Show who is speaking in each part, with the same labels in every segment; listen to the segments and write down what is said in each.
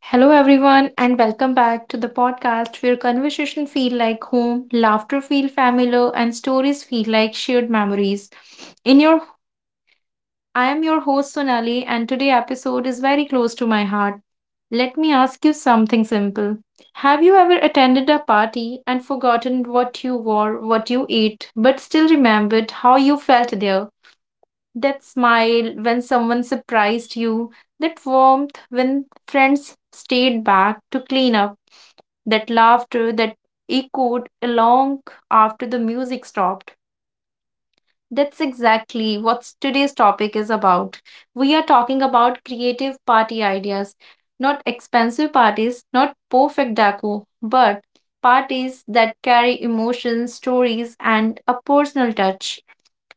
Speaker 1: Hello everyone and welcome back to the podcast where conversation feel like home, laughter feel familiar and stories feel like shared memories. In your I am your host Sonali and today episode is very close to my heart. Let me ask you something simple. Have you ever attended a party and forgotten what you wore, what you ate, but still remembered how you felt there? That smile when someone surprised you, that warmth when friends stayed back to clean up, that laughter that echoed long after the music stopped. That's exactly what today's topic is about. We are talking about creative party ideas, not expensive parties, not perfect decor, but parties that carry emotions, stories, and a personal touch.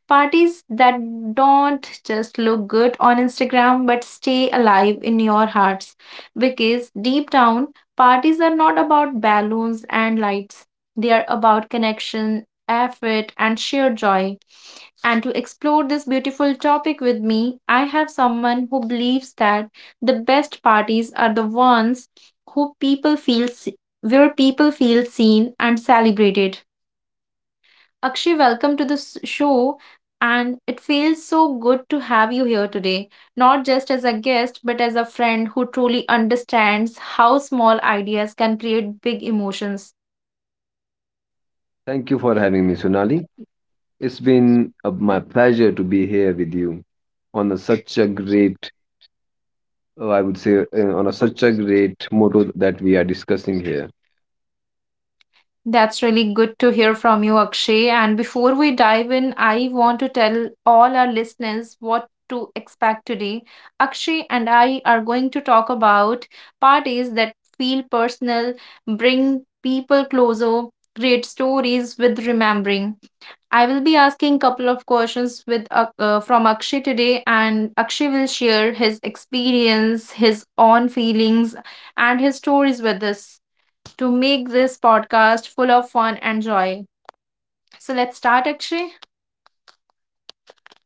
Speaker 1: Parties that don't just look good on Instagram but stay alive in your hearts. Because deep down, parties are not about balloons and lights, they are about connection, effort, and sheer joy. And to explore this beautiful topic with me, I have someone who believes that the best parties are the ones who people feel se- where people feel seen and celebrated. Akshay, welcome to this show. And it feels so good to have you here today, not just as a guest, but as a friend who truly understands how small ideas can create big emotions.
Speaker 2: Thank you for having me, Sonali. It's been my pleasure to be here with you on a, such a great, I would say, on a, such a great motto that we are discussing here.
Speaker 1: That's really good to hear from you, Akshay. And before we dive in, I want to tell all our listeners what to expect today. Akshay and I are going to talk about parties that feel personal, bring people closer, create stories with remembering. I will be asking couple of questions with from Akshay today, and Akshay will share his experience, his own feelings, and his stories with us to make this podcast full of fun and joy. So let's start, Akshay.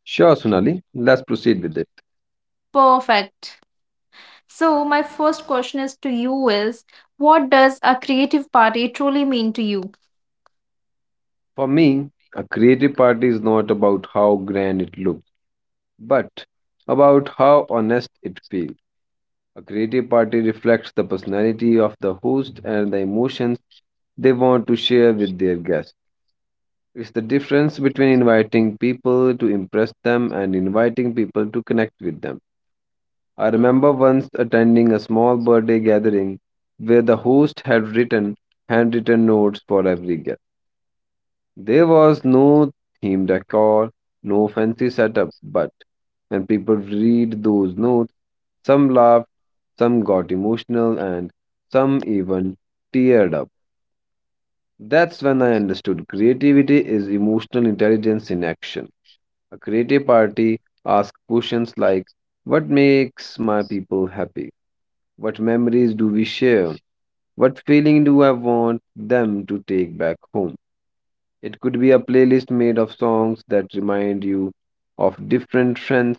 Speaker 2: Sure, Sonali, let's proceed with it.
Speaker 1: Perfect. So my first question is to you is, what does a creative party truly mean to you?
Speaker 2: For me, a creative party is not about how grand it looks, but about how honest it feels. A creative party reflects the personality of the host and the emotions they want to share with their guests. It's the difference between inviting people to impress them and inviting people to connect with them. I remember once attending a small birthday gathering where the host had written handwritten notes for every guest. There was no theme decor, no fancy setup, but when people read those notes, some laughed, some got emotional, and some even teared up. That's when I understood creativity is emotional intelligence in action. A creative party asks questions like, what makes my people happy? What memories do we share? What feeling do I want them to take back home? It could be a playlist made of songs that remind you of different friends.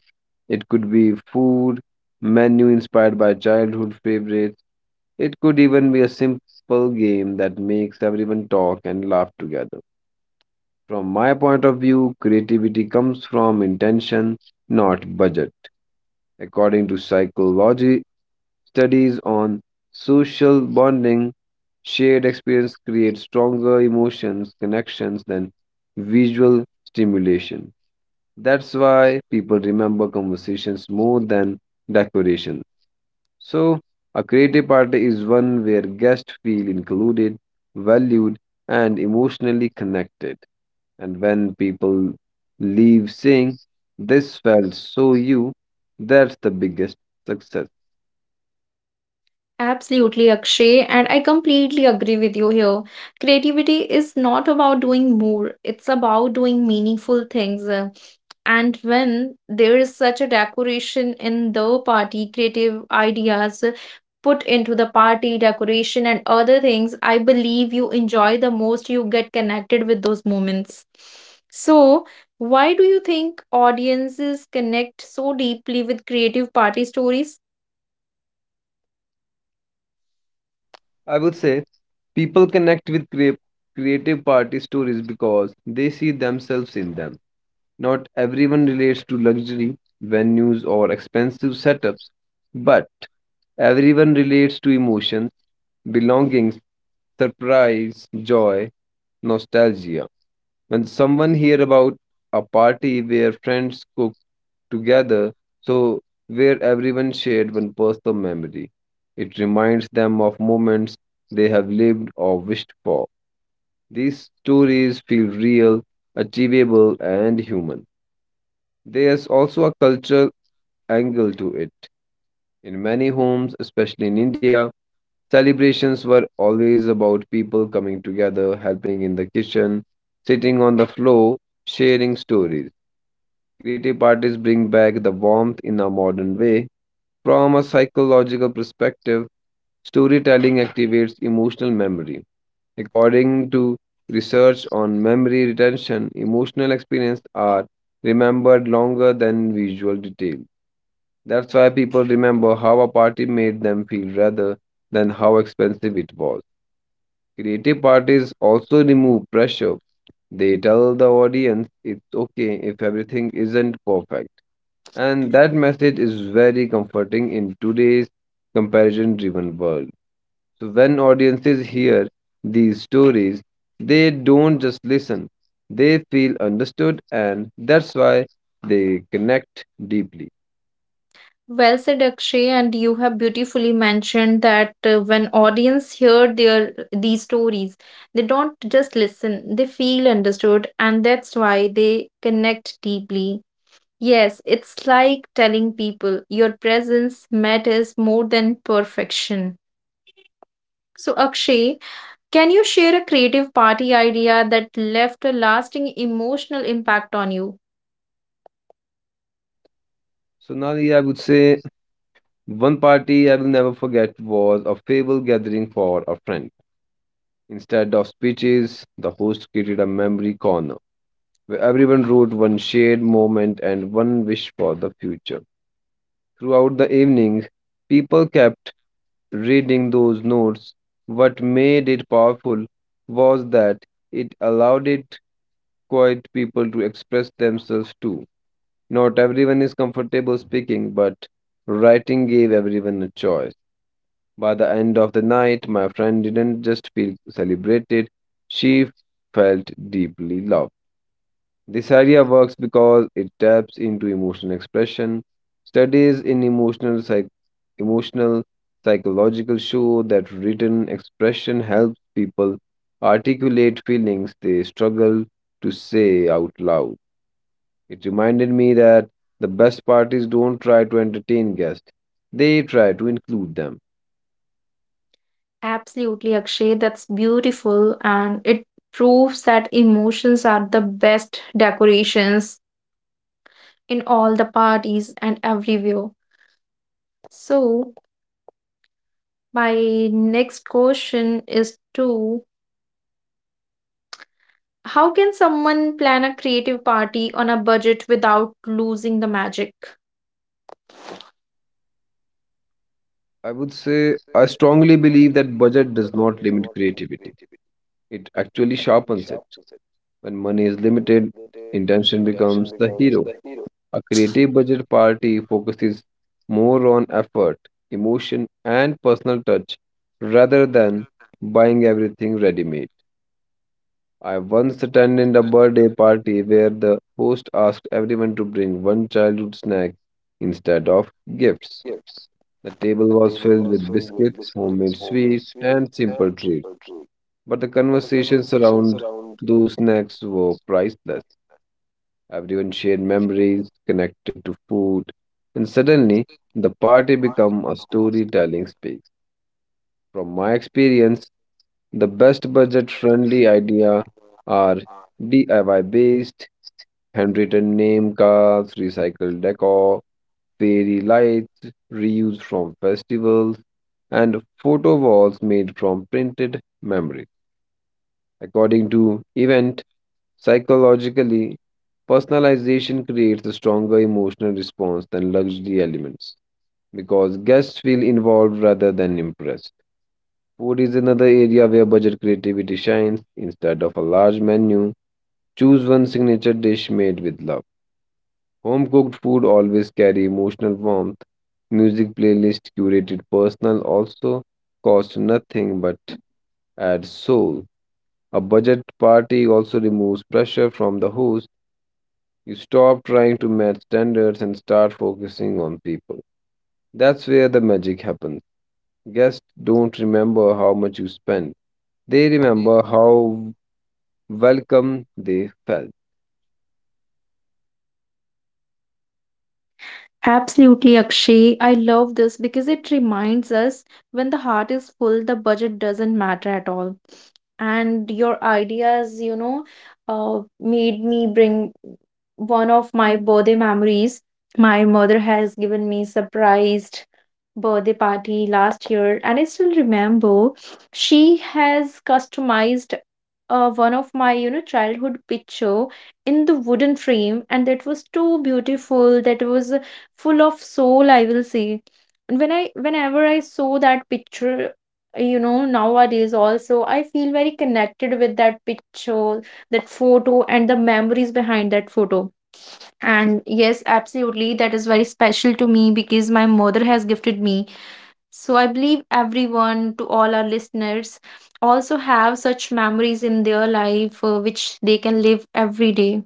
Speaker 2: It could be food menu inspired by childhood favorites. It could even be a simple game that makes everyone talk and laugh together. From my point of view, creativity comes from intention, not budget. According to psychology, studies on social bonding, shared experience creates stronger emotions, connections than visual stimulation. That's why people remember conversations more than decorations. So, a creative party is one where guests feel included, valued, and emotionally connected. And when people leave saying, this felt so you, that's the biggest success.
Speaker 1: Absolutely, Akshay, and I completely agree with you here. Creativity is not about doing more, it's about doing meaningful things. And when there is such a decoration in the party, creative ideas put into the party decoration and other things, I believe you enjoy the most, you get connected with those moments. So, why do you think audiences connect so deeply with creative party stories?
Speaker 2: I would say people connect with creative party stories because they see themselves in them. Not everyone relates to luxury, venues, or expensive setups, but everyone relates to emotions, belongings, surprise, joy, nostalgia. When someone hear about a party where friends cook together, so where everyone shared one personal memory. It reminds them of moments they have lived or wished for. These stories feel real, achievable, and human. There's also a cultural angle to it. In many homes, especially in India, celebrations were always about people coming together, helping in the kitchen, sitting on the floor, sharing stories. Creative parties bring back the warmth in a modern way. From a psychological perspective, storytelling activates emotional memory. According to research on memory retention, emotional experiences are remembered longer than visual detail. That's why people remember how a party made them feel rather than how expensive it was. Creative parties also remove pressure. They tell the audience it's okay if everything isn't perfect, and that message is very comforting in today's comparison driven world. So, when audiences hear these stories, they don't just listen, they feel understood, and that's why they connect deeply.
Speaker 1: Well said, Akshay, and you have beautifully mentioned that when audience hear their these stories, they don't just listen; they feel understood, and that's why they connect deeply. Yes, it's like telling people your presence matters more than perfection. So, Akshay, can you share a creative party idea that left a lasting emotional impact on you?
Speaker 2: So, Nani, I would say one party I will never forget was a fable gathering for a friend. Instead of speeches, the host created a memory corner where everyone wrote one shared moment and one wish for the future. Throughout the evening, people kept reading those notes. What made it powerful was that it allowed it quiet people to express themselves too. Not everyone is comfortable speaking, but writing gave everyone a choice. By the end of the night, my friend didn't just feel celebrated, she felt deeply loved. This idea works because it taps into emotional expression. Studies in emotional psychological show that written expression helps people articulate feelings they struggle to say out loud. It reminded me that the best parties don't try to entertain guests, they try to include them.
Speaker 1: Absolutely, Akshay. That's beautiful. And it proves that emotions are the best decorations in all the parties and everywhere. So, my next question is to, how can someone plan a creative party on a budget without losing the magic?
Speaker 2: I would say I strongly believe that budget does not limit creativity. It actually sharpens it. When money is limited, intention becomes the hero. A creative budget party focuses more on effort, emotion, and personal touch rather than buying everything ready made. I once attended a birthday party where the host asked everyone to bring one childhood snack instead of gifts. The table was filled with biscuits, homemade sweets, and simple treats, but the conversations around those snacks were priceless. Everyone shared memories connected to food, and suddenly the party became a storytelling space. From my experience, the best budget-friendly idea are DIY-based, handwritten name cards, recycled decor, fairy lights, reused from festivals, and photo walls made from printed memories. According to event psychologically, personalization creates a stronger emotional response than luxury elements because guests feel involved rather than impressed. Food is another area where budget creativity shines. Instead of a large menu, choose one signature dish made with love. Home cooked food always carry emotional warmth. Music playlist curated personal also cost nothing but adds soul. A budget party also removes pressure from the host. You stop trying to match standards and start focusing on people. That's where the magic happens. Guests don't remember how much you spend, they remember how welcome they felt.
Speaker 1: Absolutely, Akshay. I love this because it reminds us when the heart is full, the budget doesn't matter at all. And your ideas, you know, made me bring one of my birthday memories. My mother has given me surprised birthday party last year, and I still remember she has customized one of my, you know, childhood picture in the wooden frame, and that was too beautiful. That was full of soul, I will say. And whenever I saw that picture, you know, nowadays also I feel very connected with that picture, that photo and the memories behind that photo. And yes, absolutely, that is very special to me because my mother has gifted me. So I believe everyone, to all our listeners, also have such memories in their life, which they can live every day.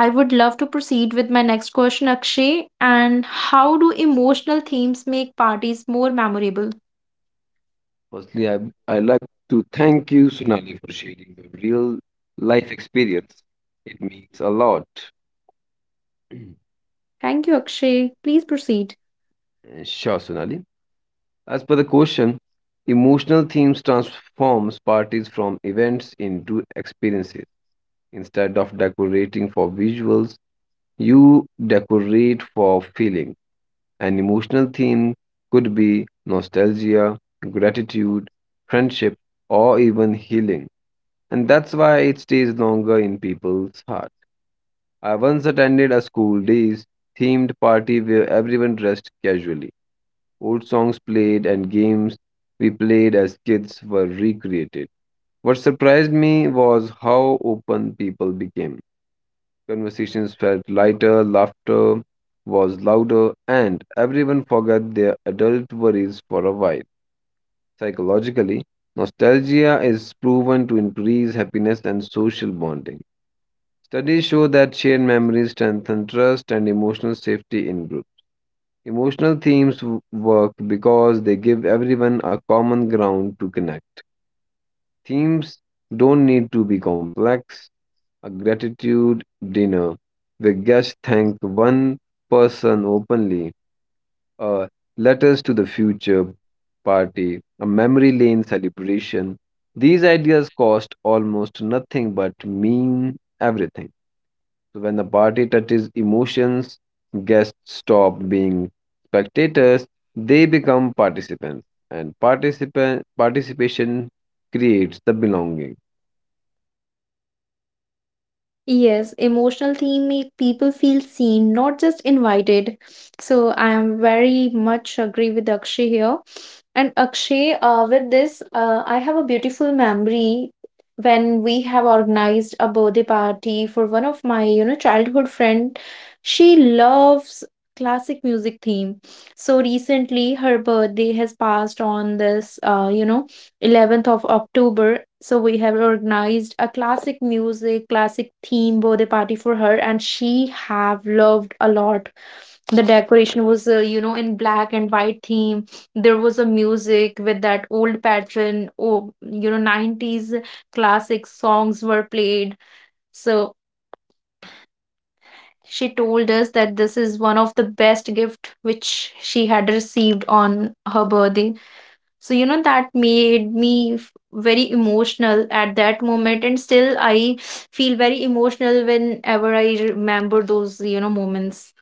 Speaker 1: I would love to proceed with my next question, Akshay, and how do emotional themes make parties more memorable?
Speaker 2: Firstly, I'd like to thank you, Sonali, for sharing your real life experience. It means a lot.
Speaker 1: Thank you, Akshay. Please proceed.
Speaker 2: Sure, Sonali. As per the question, emotional themes transforms parties from events into experiences. Instead of decorating for visuals, you decorate for feeling. An emotional theme could be nostalgia, gratitude, friendship, or even healing. And that's why it stays longer in people's heart. I once attended a school days themed party where everyone dressed casually. Old songs played and games we played as kids were recreated. What surprised me was how open people became. Conversations felt lighter, laughter was louder, and everyone forgot their adult worries for a while. Psychologically, nostalgia is proven to increase happiness and social bonding. Studies show that shared memories strengthen trust and emotional safety in groups. Emotional themes work because they give everyone a common ground to connect. Themes don't need to be complex: a gratitude dinner where guests thank one person openly, a letters to the future party, a memory lane celebration. These ideas cost almost nothing but mean everything. So when the party touches emotions, guests stop being spectators, they become participants. And participant participation creates the belonging.
Speaker 1: Yes, emotional theme make people feel seen, not just invited. So I am very much agree with Akshay here. And Akshay, with this, I have a beautiful memory when we have organized a birthday party for one of my, you know, childhood friend. She loves classic music theme. So recently, her birthday has passed on this, you know, 11th of October. So we have organized a classic music, classic theme birthday party for her, and she have loved a lot. The decoration was, you know, in black and white theme. There was a music with that old pattern. Oh, you know, 90s classic songs were played. So she told us that this is one of the best gift which she had received on her birthday. So, you know, that made me very emotional at that moment. And still, I feel very emotional whenever I remember those, you know, moments.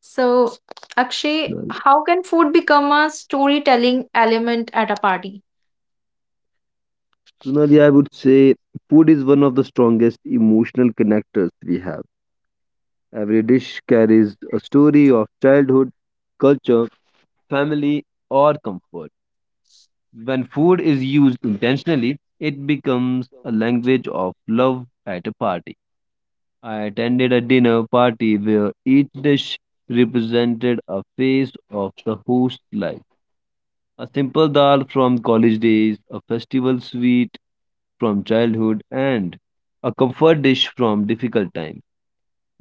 Speaker 1: So, Akshay, how can food become a storytelling element at a party?
Speaker 2: Sunali, I would say food is one of the strongest emotional connectors we have. Every dish carries a story of childhood, culture, family, or comfort. When food is used intentionally, it becomes a language of love at a party. I attended a dinner party where each dish represented a phase of the host life. A simple dal from college days, a festival sweet from childhood, and a comfort dish from difficult times.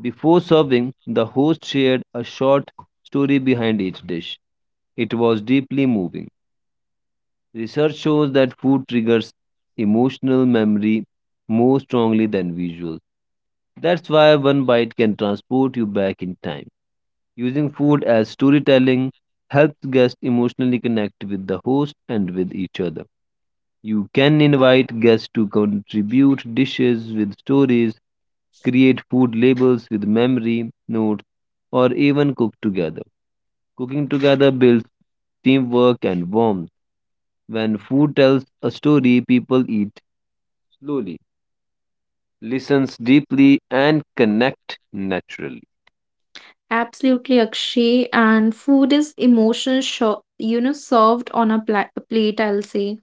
Speaker 2: Before serving, the host shared a short story behind each dish. It was deeply moving. Research shows that food triggers emotional memory more strongly than visuals. That's why one bite can transport you back in time. Using food as storytelling helps guests emotionally connect with the host and with each other. You can invite guests to contribute dishes with stories, create food labels with memory notes, or even cook together. Cooking together builds teamwork and warmth. When food tells a story, people eat slowly, listens deeply, and connect naturally.
Speaker 1: Absolutely, Akshay. And food is emotion, you know, served on a plate, I'll say.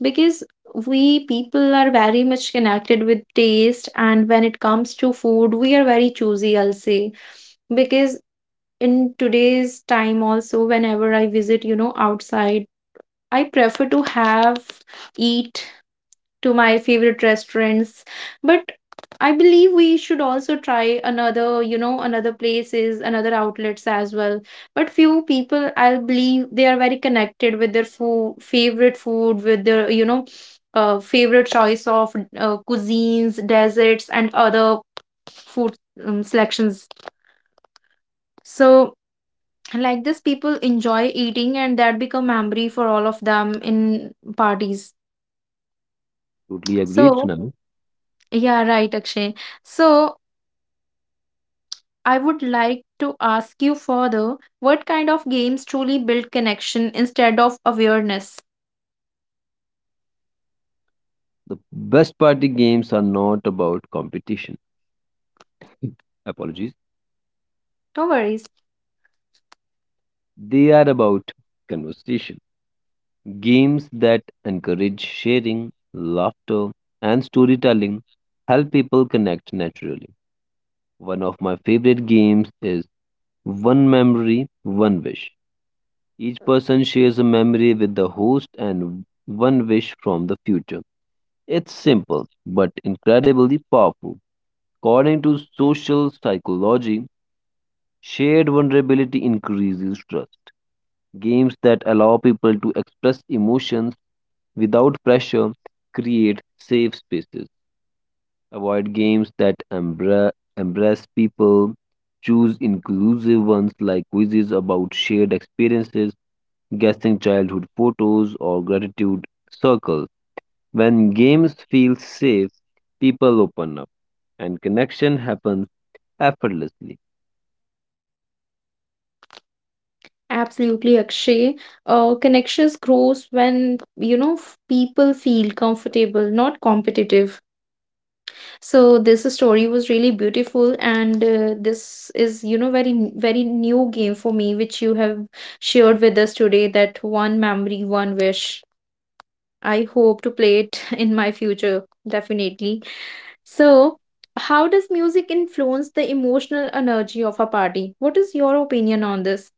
Speaker 1: Because we people are very much connected with taste, and when it comes to food, we are very choosy, I'll say. Because in today's time, also, whenever I visit, you know, outside, I prefer to have eat to my favorite restaurants, but I believe we should also try another, you know, another places, another outlets as well. But few people, I believe, they are very connected with their food, favorite food, with their, you know, favorite choice of cuisines, desserts and other food, selections. So like this people enjoy eating, and that become memory for all of them in parties.
Speaker 2: Totally agreed,
Speaker 1: So
Speaker 2: Sunami.
Speaker 1: yeah, right, Akshay. So I would like to ask you further, what kind of games truly build connection instead of awareness?
Speaker 2: The best party games are not about competition. Apologies.
Speaker 1: No worries.
Speaker 2: They are about conversation. Games that encourage sharing, laughter, and storytelling help people connect naturally. One of my favorite games is One Memory, One Wish. Each person shares a memory with the host and one wish from the future. It's simple but incredibly powerful. According to social psychology, shared vulnerability increases trust. Games that allow people to express emotions without pressure, create safe spaces. Avoid games that embrace people. Choose inclusive ones like quizzes about shared experiences, guessing childhood photos, or gratitude circles. When games feel safe, people open up and connection happens effortlessly.
Speaker 1: Absolutely, Akshay. Connections grows when, you know, people feel comfortable, not competitive. So this story was really beautiful, and this is, you know, very new game for me, which you have shared with us today. That one memory, one wish. I hope to play it in my future, definitely. So, how does music influence the emotional energy of a party? What is your opinion on this?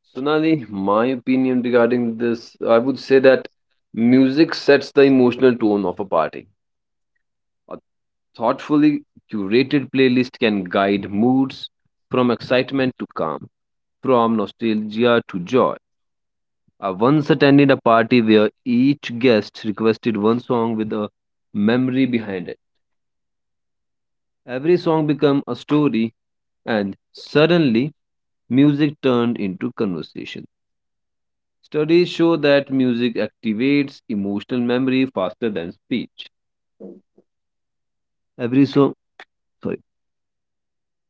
Speaker 2: Sonali, my opinion regarding this, I would say that music sets the emotional tone of a party. A thoughtfully curated playlist can guide moods from excitement to calm, from nostalgia to joy. I once attended a party where each guest requested one song with a memory behind it. Every song became a story, and suddenly music turned into conversation. Studies show that music activates emotional memory faster than speech. Every song, sorry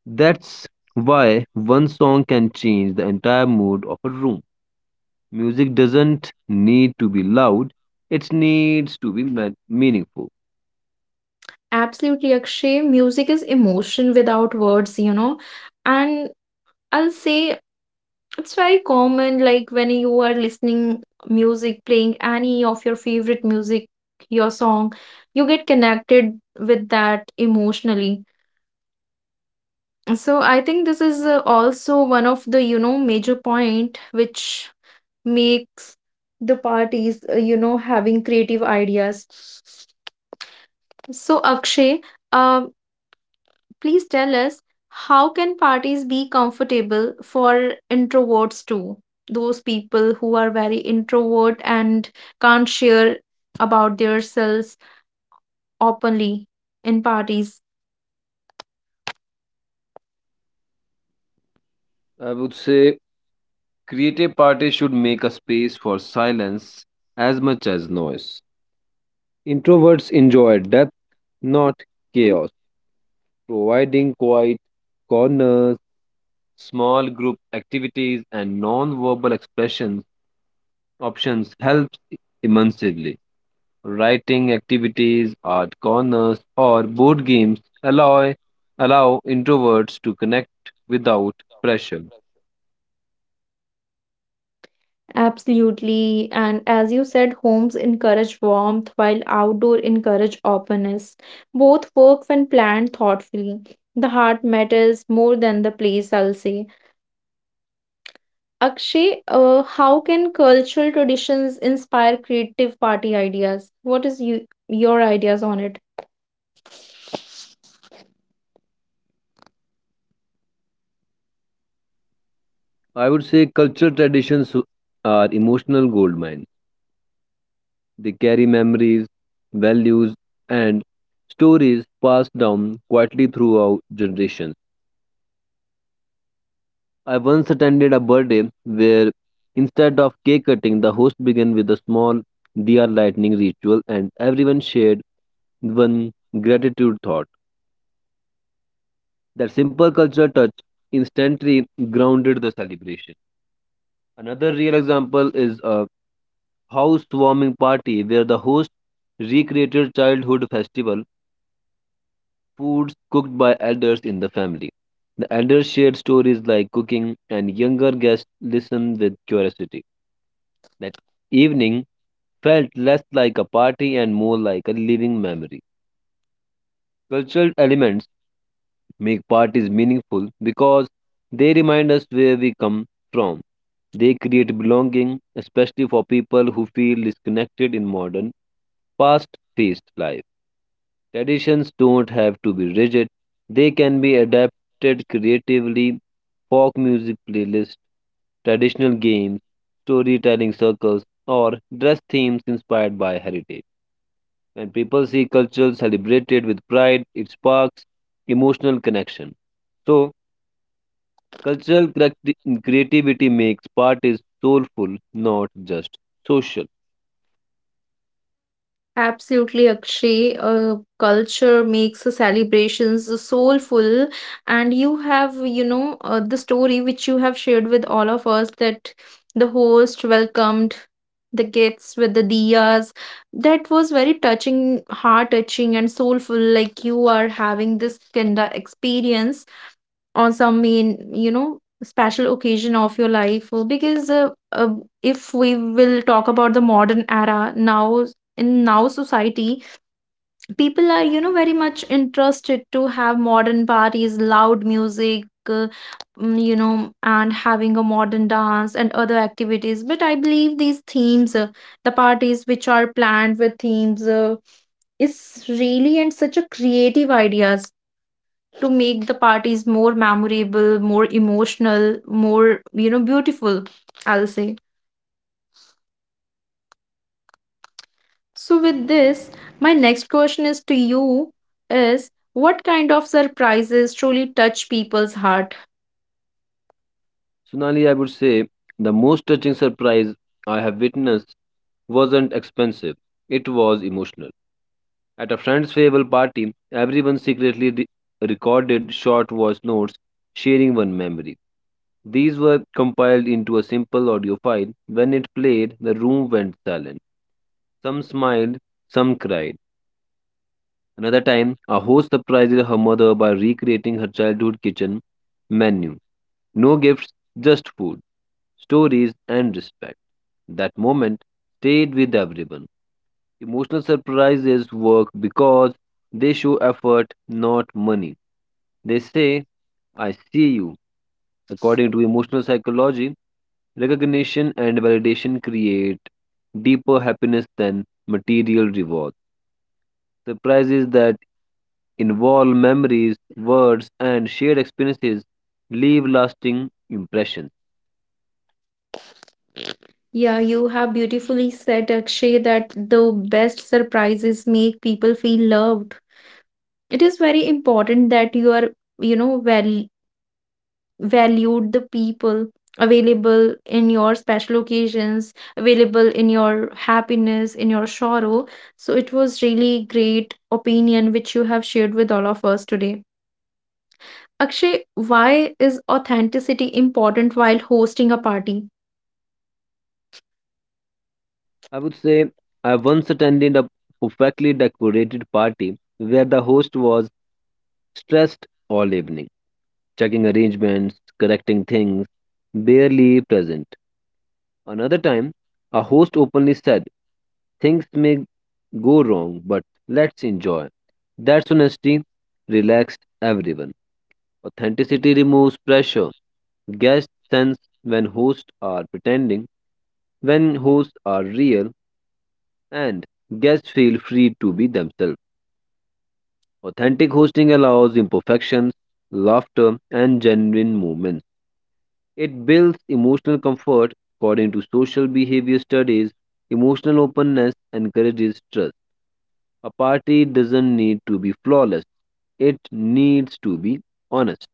Speaker 2: That's why one song can change the entire mood of a room. Music doesn't need to be loud, it needs to be meaningful.
Speaker 1: Absolutely, Akshay. Music is emotion without words, you know. And I'll say it's very common, like when you are listening music, playing any of your favorite music, your song, you get connected with that emotionally. So I think this is also one of the, you know, major point which makes the parties, you know, having creative ideas. So Akshay, um, please tell us, how can parties be comfortable for introverts too? Those people who are very introvert and can't share about themselves openly in parties.
Speaker 2: I would say creative parties should make a space for silence as much as noise. Introverts enjoy depth, not chaos, providing quiet corners, small group activities, and non verbal expression options helps immensely. Writing activities, art corners, or board games allow introverts to connect without pressure.
Speaker 1: Absolutely. And as you said, homes encourage warmth while outdoor encourage openness. Both work when planned thoughtfully. The heart matters more than the place, I'll say. Akshay, how can cultural traditions inspire creative party ideas? Your ideas on it?
Speaker 2: I would say cultural traditions are emotional gold mines. They carry memories, values, and stories passed down quietly throughout generations. I once attended a birthday where instead of cake cutting, the host began with a small diya lightning ritual and everyone shared one gratitude thought. That simple cultural touch instantly grounded the celebration. Another real example is a housewarming party where the host recreated childhood festival foods cooked by elders in the family. The elders shared stories like cooking, and younger guests listened with curiosity. That evening felt less like a party and more like a living memory. Cultural elements make parties meaningful because they remind us where we come from. They create belonging, especially for people who feel disconnected in modern, fast paced life. Traditions don't have to be rigid, they can be adapted creatively. Folk music playlists, traditional games, storytelling circles, or dress themes inspired by heritage. When people see culture celebrated with pride, it sparks emotional connection. So, cultural creativity makes parties soulful, not just social.
Speaker 1: Absolutely, Akshay. Culture makes the celebrations soulful, and you have, you know, the story which you have shared with all of us, that the host welcomed the guests with the diyas. That was very touching, heart touching, and soulful. Like you are having this kind of experience on some main, you know, special occasion of your life. Because if we will talk about the modern era now, in now society, people are, you know, very much interested to have modern parties, loud music, uh, you know, and having a modern dance and other activities. But I believe these themes, the parties which are planned with themes, is really and such a creative ideas to make the parties more memorable, more emotional, more, you know, beautiful, I'll say. So, with this, my next question is to you is, what kind of surprises truly touch people's heart?
Speaker 2: Sonali, I would say the most touching surprise I have witnessed wasn't expensive, it was emotional. At a friend's farewell party, everyone secretly recorded short voice notes sharing one memory. These were compiled into a simple audio file. When it played, the room went silent. Some smiled, some cried. Another time, a host surprised her mother by recreating her childhood kitchen menu. No gifts, just food, stories, and respect. That moment stayed with everyone. Emotional surprises work because they show effort, not money. They say, I see you. According to emotional psychology, recognition and validation create deeper happiness than material rewards. Surprises that involve memories, words, and shared experiences leave lasting impressions.
Speaker 1: Yeah, you have beautifully said, Akshay, that the best surprises make people feel loved. It is very important that you know, well valued the people available in your special occasions, available in your happiness, in your sorrow. So it was really great opinion which you have shared with all of us today. Akshay, why is authenticity important while hosting a party?
Speaker 2: I would say I once attended a perfectly decorated party where the host was stressed all evening, checking arrangements, correcting things, barely present. Another time, a host openly said, things may go wrong, but let's enjoy. That's honesty, relaxed everyone. Authenticity removes pressure. Guests sense when hosts are pretending, when hosts are real, and guests feel free to be themselves. Authentic hosting allows imperfections, laughter, and genuine moments. It builds emotional comfort. According to social behavior studies, emotional openness encourages trust. A party doesn't need to be flawless, it needs to be honest.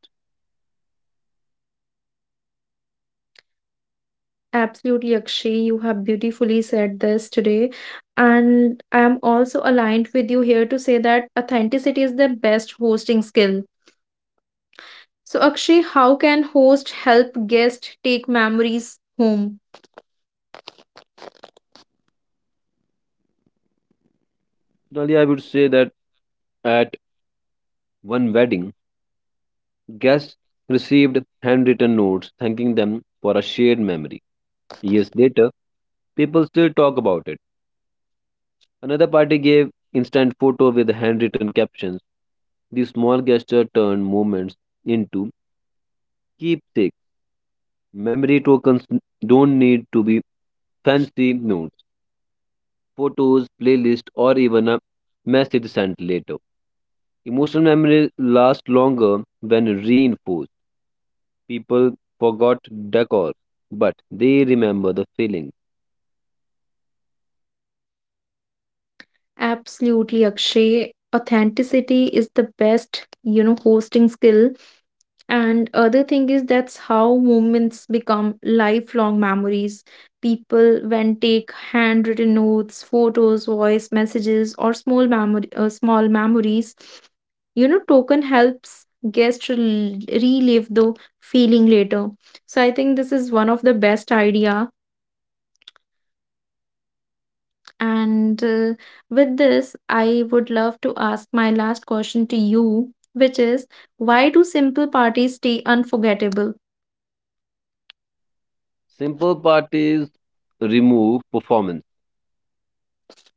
Speaker 1: Absolutely, Akshay, you have beautifully said this today. And I am also aligned with you here to say that authenticity is the best hosting skill. So, Akshay, how can host help guest take memories home?
Speaker 2: Finally, I would say that at one wedding, guests received handwritten notes thanking them for a shared memory. Years later, people still talk about it. Another party gave instant photo with handwritten captions. These small gesture turned moments into keepsakes. Memory tokens don't need to be fancy notes, photos, playlist, or even a message sent later. Emotional memories last longer when reinforced. People forgot decor, but they remember the feeling.
Speaker 1: Absolutely, Akshay. Authenticity is the best, you know, hosting skill. And other thing is that's how moments become lifelong memories. People when take handwritten notes, photos, voice messages, or small memory, small memories, you know, token helps guests relive the feeling later. So I think this is one of the best idea. And with this, I would love to ask my last question to you, which is, why do simple parties stay unforgettable?
Speaker 2: Simple parties remove performance.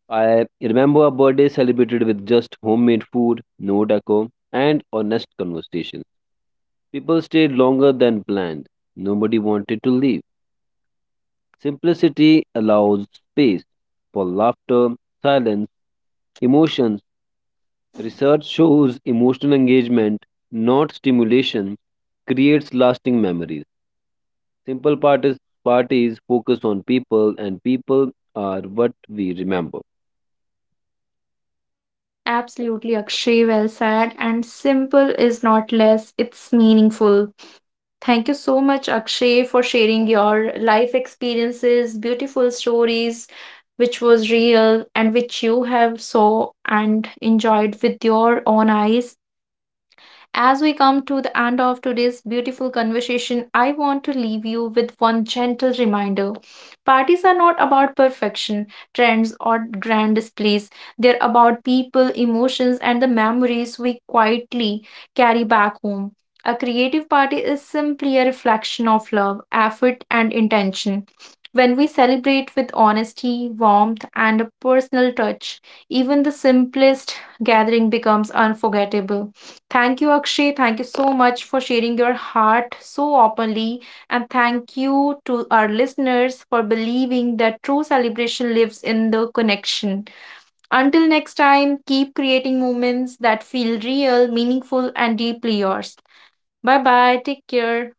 Speaker 2: I remember a birthday celebrated with just homemade food, no decor, and honest conversations. People stayed longer than planned. Nobody wanted to leave. Simplicity allows space for laughter, silence, emotions. Research shows emotional engagement, not stimulation, creates lasting memories. Simple parties, parties focus on people, and people are what we remember.
Speaker 1: Absolutely, Akshay, well said. And simple is not less, it's meaningful. Thank you so much, Akshay, for sharing your life experiences, beautiful stories, which was real and which you have saw and enjoyed with your own eyes. As we come to the end of today's beautiful conversation, I want to leave you with one gentle reminder. Parties are not about perfection, trends, or grand displays. They're about people, emotions, and the memories we quietly carry back home. A creative party is simply a reflection of love, effort, and intention. When we celebrate with honesty, warmth, and a personal touch, even the simplest gathering becomes unforgettable. Thank you, Akshay. Thank you so much for sharing your heart so openly. And thank you to our listeners for believing that true celebration lives in the connection. Until next time, keep creating moments that feel real, meaningful, and deeply yours. Bye bye. Take care.